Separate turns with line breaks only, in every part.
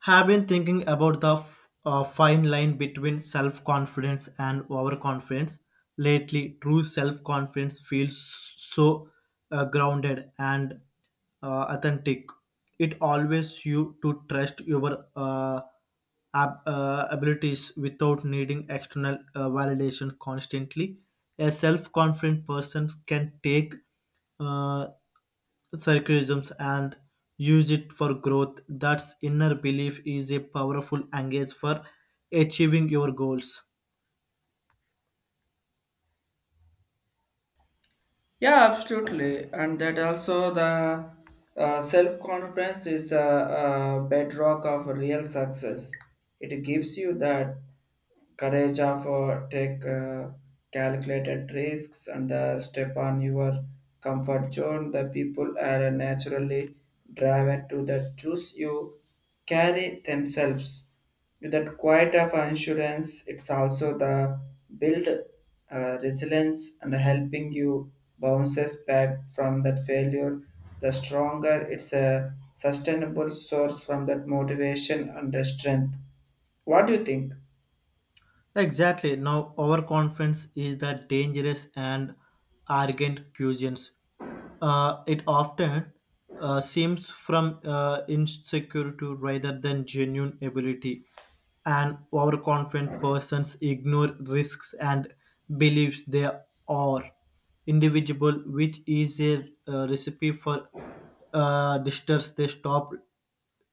Have been thinking about the fine line between self confidence and overconfidence. Lately, true self confidence feels so grounded and authentic. It always you to trust your abilities without needing external validation constantly. A self confident person can take uh, circularisms and use it for growth. That's inner belief is a powerful engage for achieving your goals.
Yeah, absolutely. And that also the self-confidence is the bedrock of real success. It gives you that courage of take calculated risks and step on your comfort zone. The people are naturally driven to the choose you carry themselves. With that quiet of assurance, it's also the build resilience and helping you bounces back from that failure. The stronger it's a sustainable source from that motivation and the strength. What do you think?
Exactly. Now, overconfidence is the dangerous and arrogant cuisines. It often seems from insecurity rather than genuine ability. An overconfident persons ignore risks and believes they are individual, which is a recipe for distance they stop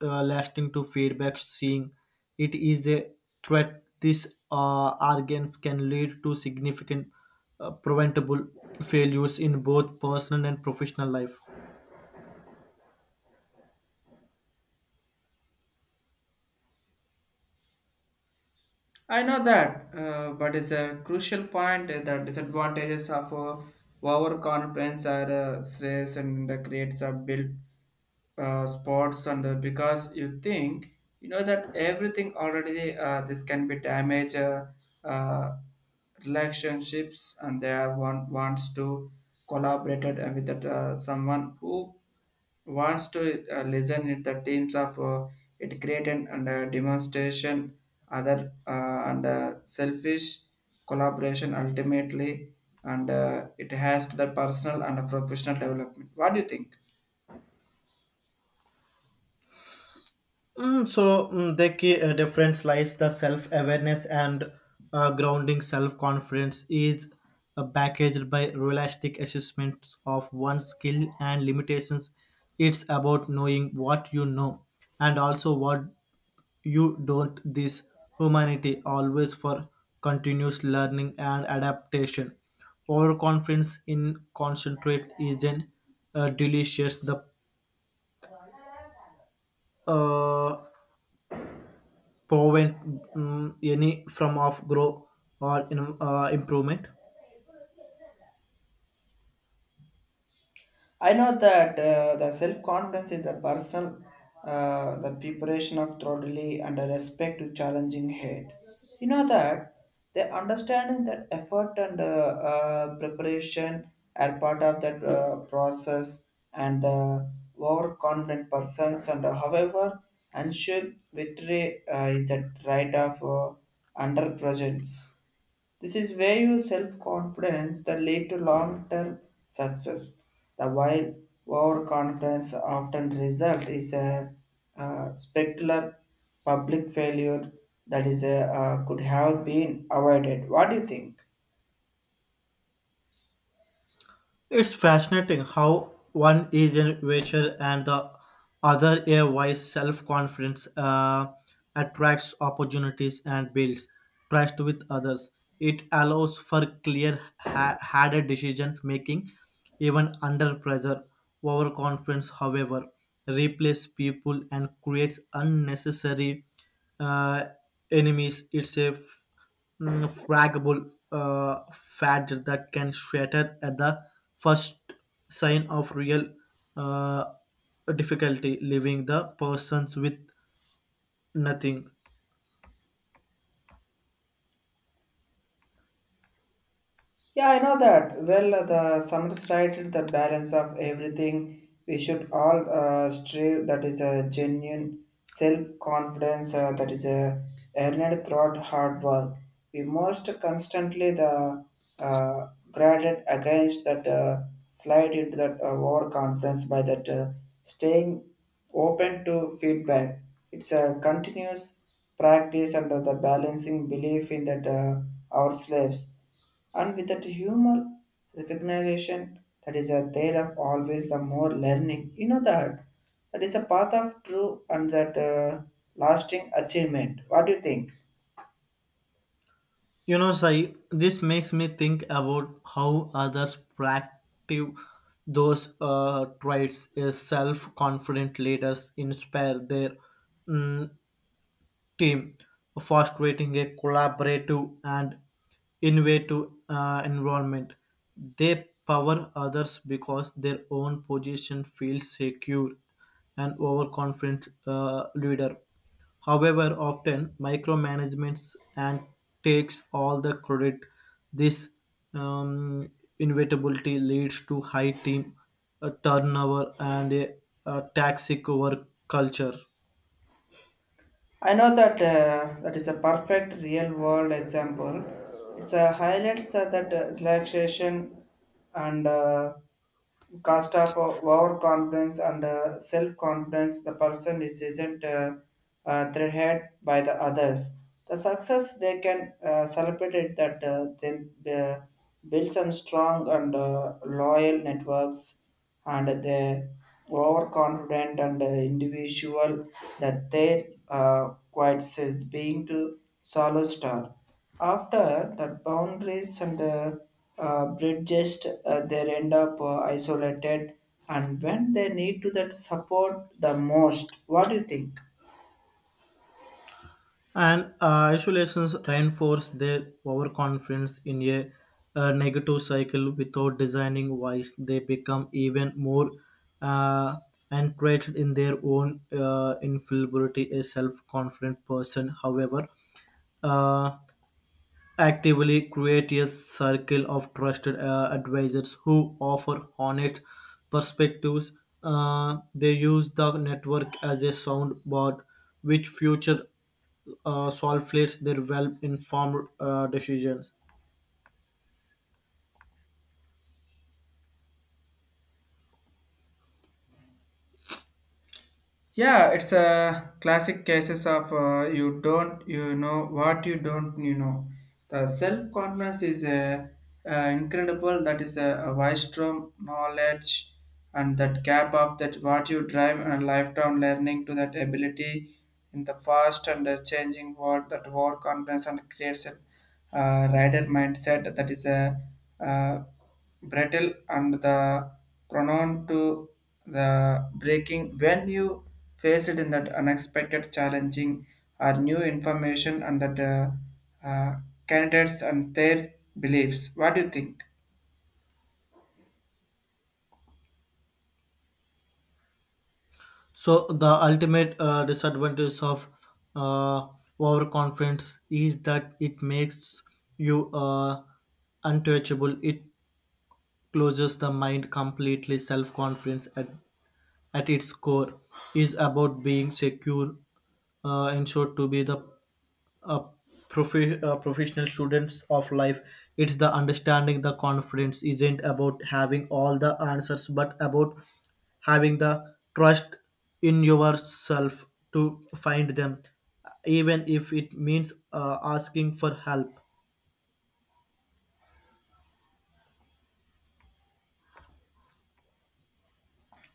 lasting to feedback seeing it is a threat these organs can lead to significant preventable failures in both personal and professional life.
I know that, but it's a crucial point that disadvantages of overconfidence are stress and creates a built spots and because you think you know that everything already this can be damage uh, relationships and they are wants to collaborate with that, someone who wants to listen in the teams of it create an and demonstration other and selfish collaboration ultimately and it has to the personal and professional development. What do you think?
Mm, so the key difference lies the self-awareness and grounding self-confidence is packaged by realistic assessments of one's skill and limitations. It's about knowing what you know, and also what you don't. This humanity always for continuous learning and adaptation. Overconfidence in concentrate isn't delicious. The uh, prevent any from of grow or improvement.
I know that the self confidence is a personal, the preparation of thoroughly and a respect to challenging hate. You know that the understanding that effort and preparation are part of that process, and the overconfident persons and however ensure victory is that right of under presence. This is where your self confidence that lead to long term success. The while overconfidence often result is a, spectacular public failure that is a, could have been avoided. What do you think?
It's fascinating how one is a nature and the other a wise self-confidence attracts opportunities and builds trust with others. It allows for clear harder decisions making even under pressure. Overconfidence, however, replaces people and creates unnecessary uh, enemies. It's a fragile fat that can shatter at the first sign of real uh, difficulty, leaving the persons with nothing.
Yeah, I know that. Well, the summit started the balance of everything. We should all strive that is a genuine self-confidence that is a earned throughout hard work. We must constantly the graded against that slide into that overconfidence by that staying open to feedback. It's a continuous practice under the balancing belief in that our slaves and with that humor recognition that is a there of always the more learning. You know that that is a path of true and that lasting achievement. What do you think?
You know, Sai, this makes me think about how others practice those traits. A self confident leaders inspire their mm, team, for creating a collaborative and innovative environment. They power others because their own position feels secure and overconfident leader. However, often micromanagements and takes all the credit. This um, inevitability leads to high team turnover and a toxic work culture.
I know that that is a perfect real world example. It's a highlights that relaxation and cost of overconfidence and self-confidence the person is isn't threatened by the others the success they can celebrate it that then uh, builds on strong and loyal networks and they overconfident and individual that their quiet says being to solo star. After that, boundaries and bridges, they end up isolated, and when they need to that support the most. What do you think?
And isolations reinforce their overconfidence in a negative cycle without designing wise. They become even more uh, entrenched in their own infallibility. A self confident person, however, uh, actively create a circle of trusted advisors who offer honest perspectives. They use the network as a soundboard, which future solves their well-informed decisions.
Yeah, it's a classic cases of you don't you know what you don't you know. The self confidence is incredible. That is a wisdom, knowledge, and that gap of that what you drive and lifetime learning to that ability in the fast and changing world. That war confidence and creates a rider mindset. That is a uh, brittle and the prone to the breaking when you face it in that unexpected challenging or new information and that uh, candidates and their beliefs. What do you think?
So the ultimate disadvantage of uh, overconfidence is that it makes you untouchable. It closes the mind completely. Self-confidence at its core is about being secure ensured to be the uh, professional students of life. It's the understanding the confidence isn't about having all the answers, but about having the trust in yourself to find them, even if it means asking for help.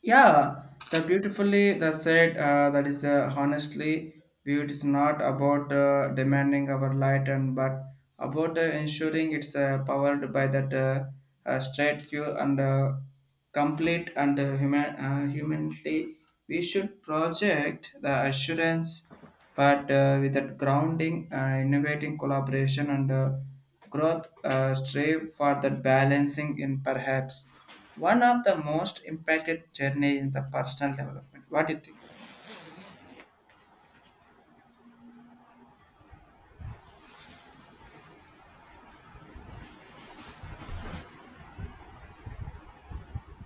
Yeah, the beautifully the said that is honestly beauty is not about demanding our light and but about ensuring it's powered by that straight fuel and complete and human humanly we should project the assurance but with that grounding, innovating collaboration and growth strive for that balancing in perhaps one of the most impacted journey in the personal development. What do you think?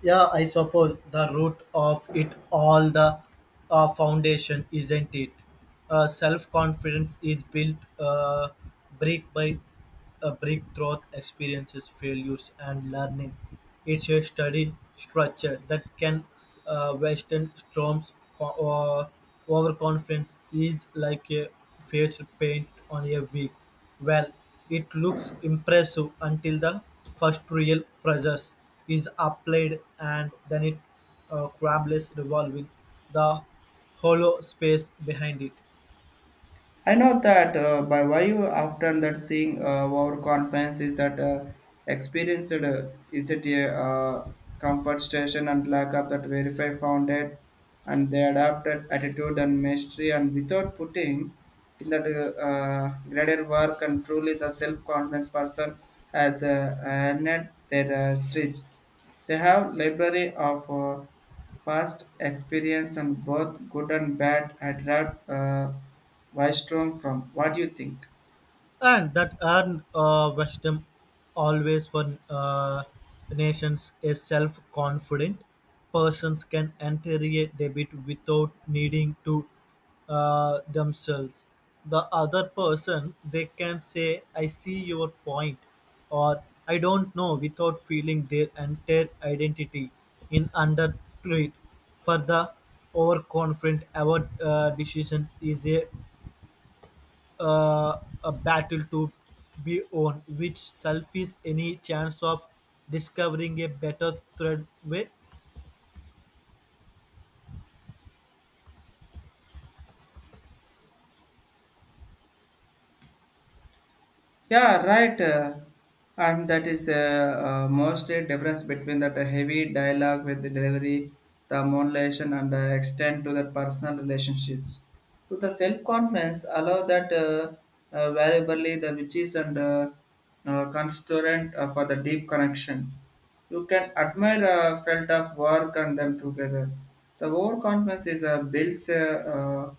Yeah, I suppose the root of it all the foundation, isn't it? Self confidence is built brick by brick through experiences, failures, and learning. It's a study structure that can Western Storm's co- overconfidence is like a face paint on a wig. Well, it looks impressive until the first real pressure is applied, and then it crumbles, revolving the hollow space behind it.
I know that by why you often that seeing our conference is that experienced is it a comfort station and lack of that verify founded and they adapted attitude and mastery and without putting in that greater work and truly the self-confidence person has earned their strips. They have library of past experience on both good and bad had wrapped Wystrom from. What do you think?
And that earned wisdom always for nations a self-confident persons can enter a debit without needing to themselves the other person. They can say I see your point, or I don't know, without feeling their entire identity in under threat. For the overconfident our decisions is a battle to be won, which selfies any chance of discovering a better thread way.
Yeah, right. And that is mostly difference between that heavy dialogue with the delivery, the modulation, and the extent to the personal relationships. To the self-confidence, allow that variably the witches and constituent for the deep connections. You can admire a felt of work and them together. The overconfidence is a builds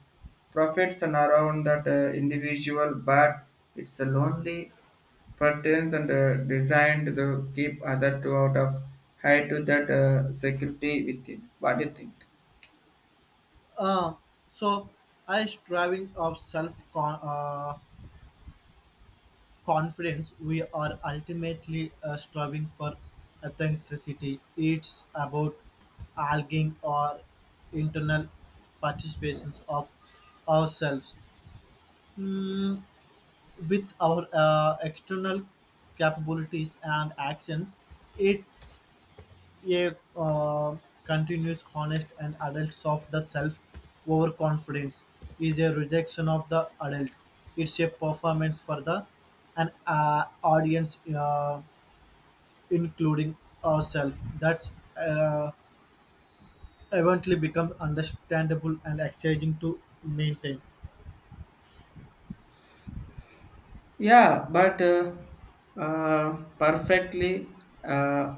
profits and around that individual, but it's a lonely curtains and designed to keep other two out of high to that security within. What do you think?
Uh, so I striving of confidence. We are ultimately striving for authenticity. It's about arguing or internal participations of ourselves with our external capabilities and actions. It's a continuous, honest, and adults of the self. Overconfidence is a rejection of the adult. It's a performance for the an audience, including ourselves. That's uh, eventually become understandable and exciting to maintain.
Yeah, but uh, perfectly. Uh,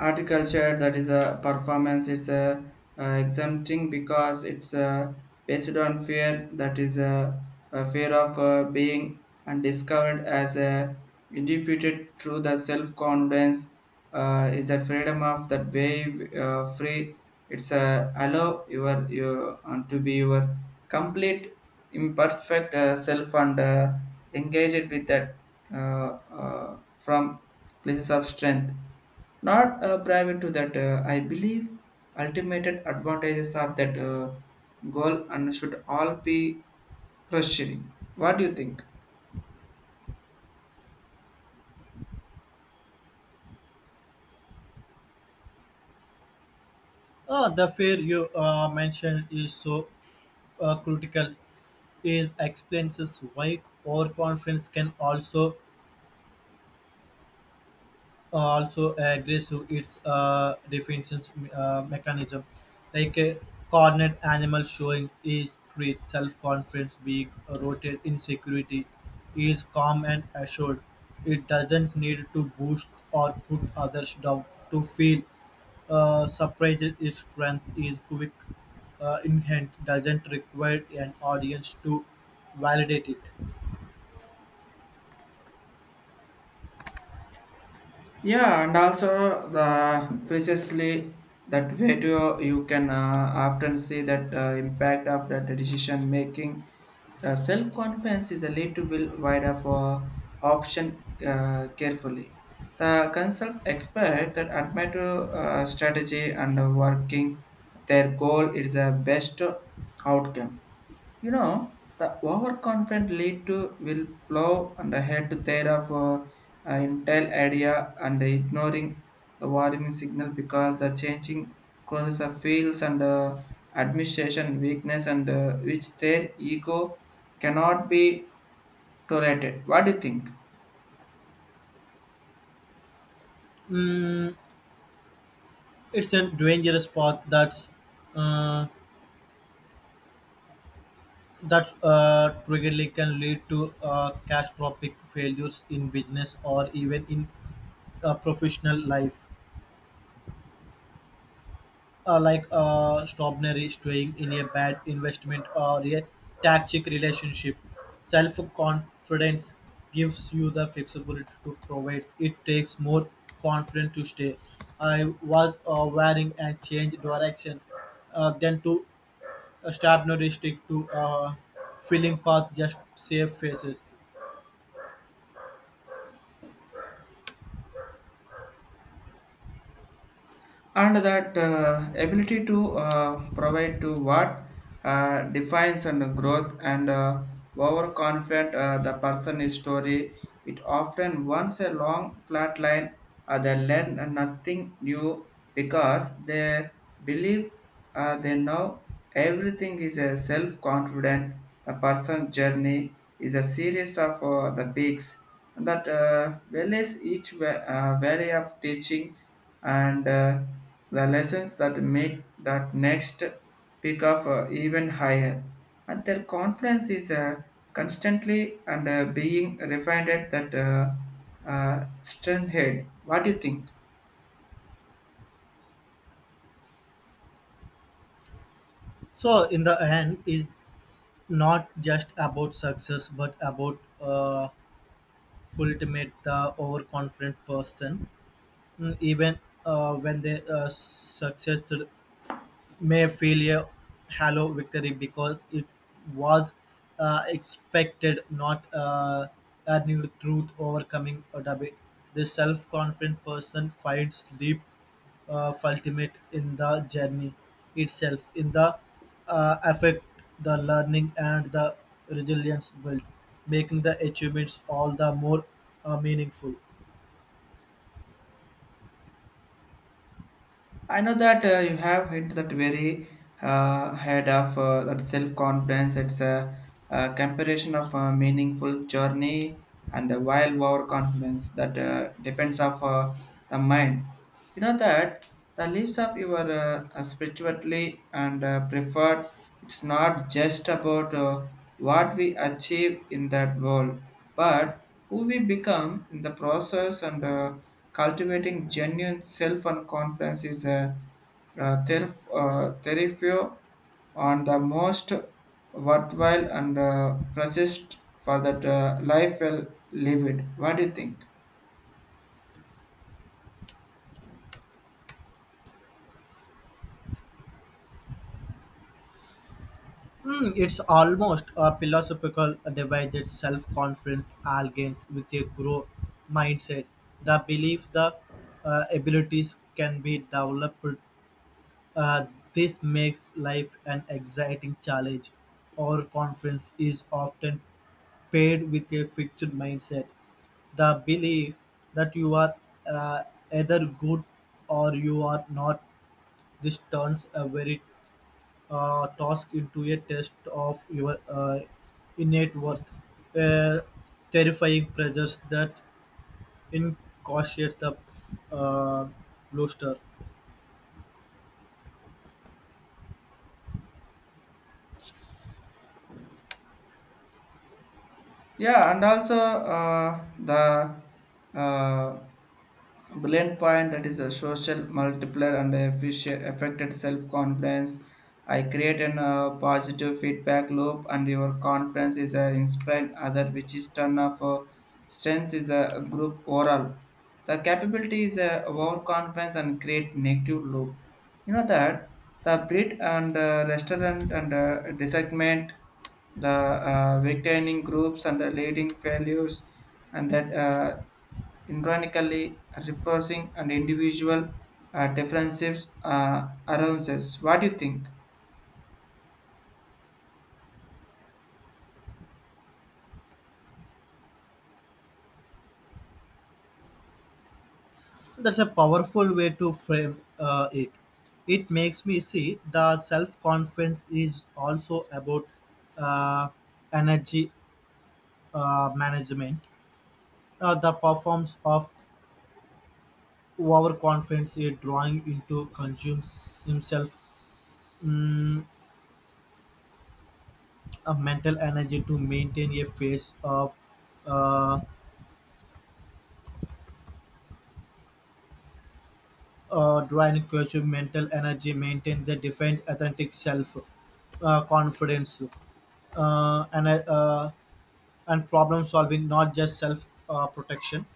Articulture that is a performance. It's a exempting because it's based on fear that is a fear of being and discovered as a interpreted through the self-confidence is a freedom of that wave free it's a allow your to be your complete imperfect self and engage it with that uh, uh, from places of strength not private to that, I believe ultimate advantages of that goal and should all be pursuing. What do you think?
The fear you mentioned is so critical is explains why overconfidence can also also agrees to its defense mechanism. Like a cornered animal showing is great self-confidence, being rotated in security, is calm and assured. It doesn't need to boost or put others down to feel surprised. Its strength is quick, inherent, doesn't require an audience to validate it.
Yeah, and also the precisely that video you can often see that impact of that decision making. Self confidence is a little will wider for option carefully. The consult expert that admit strategy and working their goal is a best outcome. You know, the overconfident lead to will plow and head to thereof entire idea and ignoring the warning signal because the changing causes of fields and administration weakness and which their ego cannot be tolerated. What do you think?
Mm, it's a dangerous path that's uh, That trigger can lead to catastrophic failures in business, or even in professional life, like strawberry staying in a bad investment or a toxic relationship. Self confidence gives you the flexibility to provide. It takes more confidence to stay. I was wearing and change direction than to stop noticing to filling path just save faces.
And that ability to provide to what defines and growth and overconfident the person is story. It often wants a long flat line. They learn nothing new because they believe they know everything is a self-confident the person's journey is a series of the peaks that values each valley of teaching and the lessons that make that next peak of even higher and their confidence is constantly and being refined at that strength head. What do you think?
So, in the end, it's not just about success, but about ultimate the overconfident person, even when they success may feel a hollow victory because it was expected, not earned truth overcoming a debate. The self confident person finds deep ultimate in the journey itself, in the affect, the learning, and the resilience built, making the achievements all the more meaningful.
I know that you have hit that very head of that self-confidence. It's a, comparison of a meaningful journey and a wild overconfidence that depends of the mind. You know that the lives of your spirituality and preferred. It's not just about what we achieve in that world, but who we become in the process and cultivating genuine self and confidence is a therefore on the most worthwhile and precious for that life well lived. What do you think?
Hmm, it's almost a philosophical device. It's self-confidence against with a growth mindset. The belief the abilities can be developed. Uh, this makes life an exciting challenge. Our confidence is often paired with a fixed mindset. The belief that you are uh, either good or you are not. This turns a very task into a test of your innate worth, uh, terrifying pressures that incautious the uh, bluster.
Yeah, and also the uh, brilliant point that is a social multiplier and efficient affected self-confidence. I create an positive feedback loop and your confidence is inspiring other which is turn off strength is a group oral. The capability is a overconfidence and create negative loop. You know that the breed and restaurant and disagreement, the victaining groups and the leading failures, and that ironically reinforcing and individual differences allowances. What do you think?
That's a powerful way to frame it. It makes me see the self confidence is also about uh, energy management. The performance of overconfidence is drawing into consumes himself a mental energy to maintain a phase of uh, divine creation. Mental energy maintains a defined authentic self, confidence, and and problem solving, not just self protection.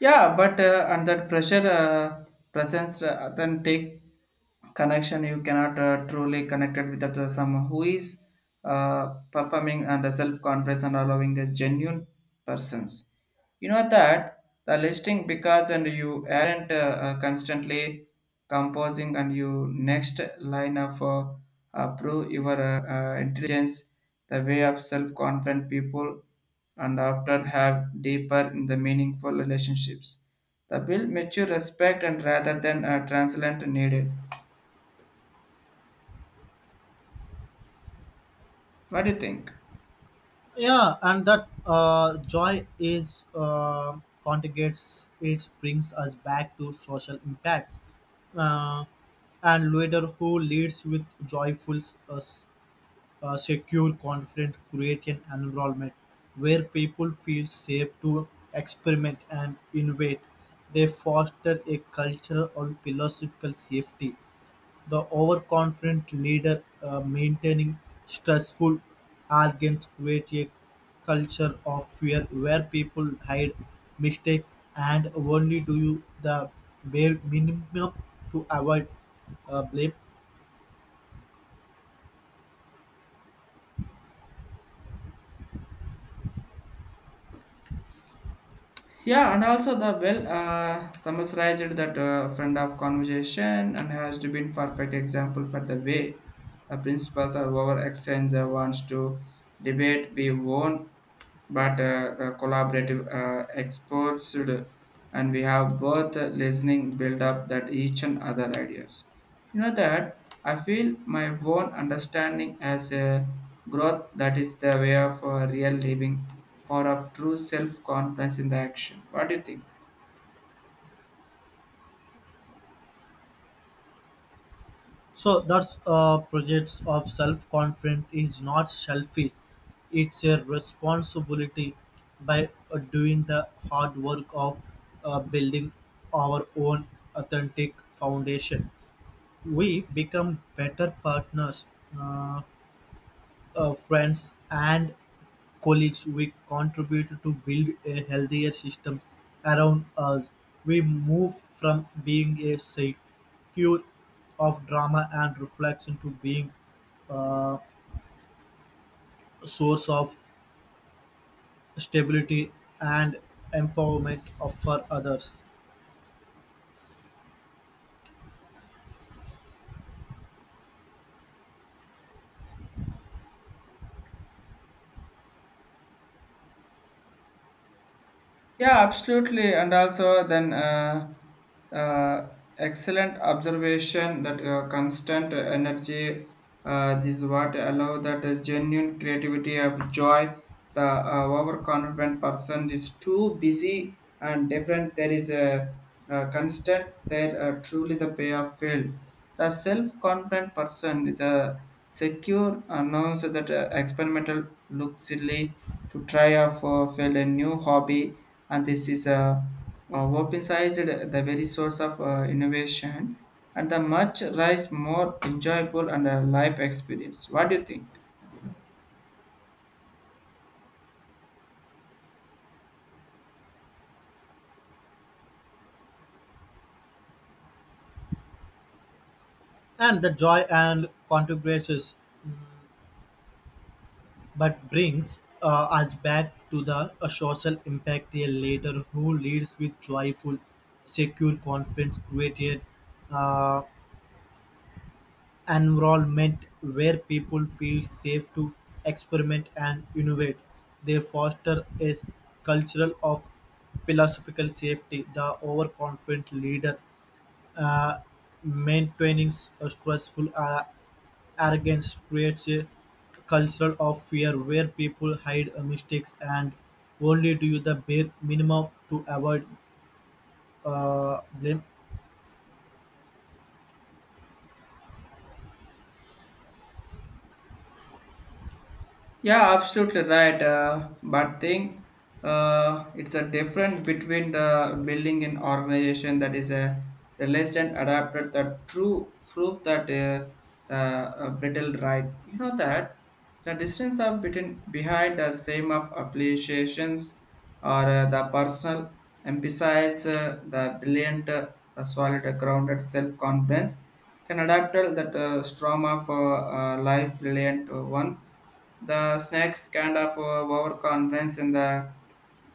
Yeah, but under pressure, presence, authentic connection, you cannot truly connected with the, someone who is uh, performing under self-confidence and allowing a genuine persons. You know that the listing because and you aren't constantly composing and you next line of prove your intelligence, the way of self-confident people and often have deeper in the meaningful relationships. The build mature respect and rather than a translation needed. What do you think?
Yeah, and that joy is contagious. It brings us back to social impact. Uh, and leader who leads with joyful uh, a secure, confident, create an environment where people feel safe to experiment and innovate. They foster a cultural or philosophical safety. The overconfident leader maintaining stressful arrogance create a culture of fear where people hide mistakes and only do the bare minimum to avoid blame.
Yeah, and also the well summarized that friend of conversation and has to been perfect example for the way the principles of our exchange wants to debate be won, but the collaborative exports should- and we have both listening build up that each and other ideas. You know that I feel my own understanding as a growth that is the way of real living, power of true self confidence in the action. What do you think?
So that's projects of self-confidence is not selfish; it's a responsibility by doing the hard work of building our own authentic foundation. We become better partners, uh, friends, and colleagues, we contribute to build a healthier system around us. We move from being a secure of drama and reflection to being uh, a source of stability and empowerment for others.
Yeah, absolutely. And also, then uh, excellent observation that constant energy. This is what allow that genuine creativity of joy. The overconfident person is too busy and different. There is a, constant. There truly the payoff fail. The self-confident person, the Secure announced that experimental looked silly to try out for field a new hobby, and this is a open-sized the very source of innovation and the much rise more enjoyable and a life experience. What do you think?
And the joy and contributions but brings us back to the social impact a leader who leads with joyful, secure confidence created uh, environment where people feel safe to experiment and innovate. They foster a culture of philosophical safety. The overconfident leader uh, maintaining a stressful arrogance creates a culture of fear where people hide mistakes and only do the bare minimum to avoid blame.
Yeah, absolutely right. But thing, it's a difference between the building an organization that is a realized adapted the true proof that the brittle right. You know that the distance of between behind the same of appreciations or the personal emphasize the brilliant, the solid, grounded self confidence can adapt that storm of life brilliant ones the snacks kind of overconfidence and the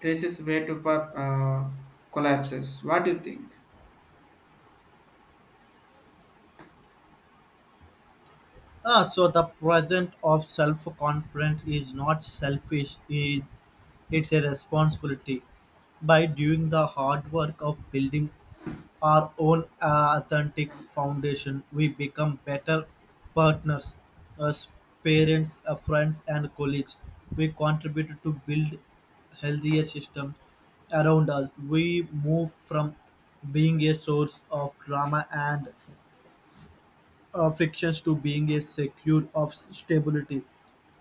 crisis way to for collapses. What do you think?
Ah, so the present of self-confidence is not selfish; it's a responsibility. By doing the hard work of building our own authentic foundation, we become better partners, as parents, friends, and colleagues. We contribute to build healthier systems around us. We move from being a source of drama and frictions to being a secure of stability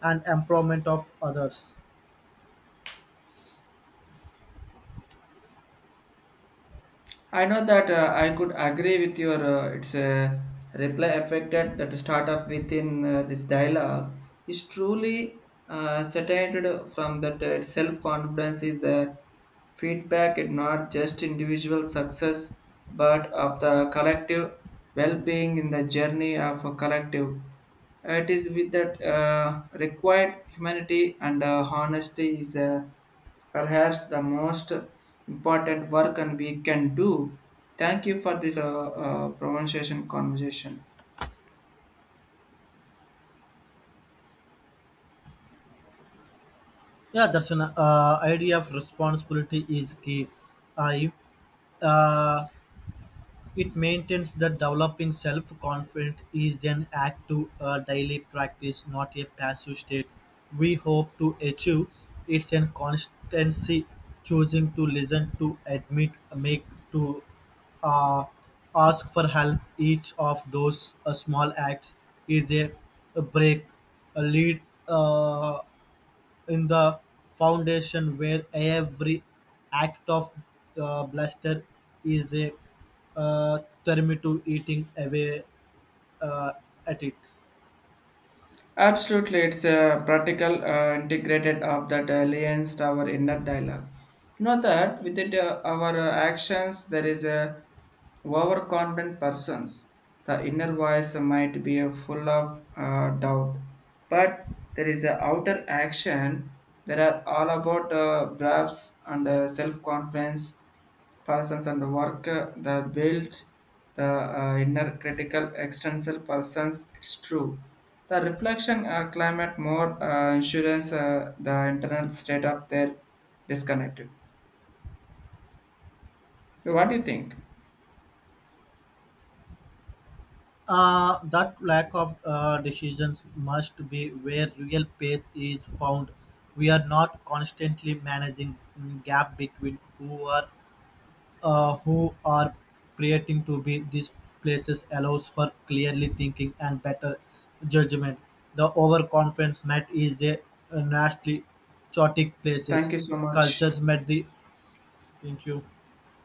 and empowerment of others.
I know that I could agree with your it's a reply affected that start off within this dialogue is truly saturated from that self confidence is the feedback and not just individual success but of the collective well-being in the journey of a collective. It is with that required humanity and honesty is. Perhaps the most important work and we can do. Thank you for this pronunciation conversation.
Yeah, that's an idea of responsibility is key. I uh, It maintains that developing self confidence is an active daily practice, not a passive state. We hope to achieve it's an constancy, choosing to listen, to admit, make, to uh, ask for help. Each of those small acts is a break, a lead. Uh, in the foundation where every act of bluster is a uh, to eating away uh, at it.
Absolutely, it's a practical integrated of that alliance to our inner dialogue. You know that with it, our actions, there is a overconfident persons. The inner voice might be full of doubt, but there is a outer action that are all about braves and self-confidence persons and work the built the inner critical extensal persons it's true the reflection climate more insurance the internal state of their disconnected. What do you think?
That lack of decisions must be where real pace is found. We are not constantly managing gap between who are who are creating to be these places allows for clearly thinking and better judgment. The overconfidence met is a nasty chaotic
Thank
places.
you so much.
Cultures met the thank you.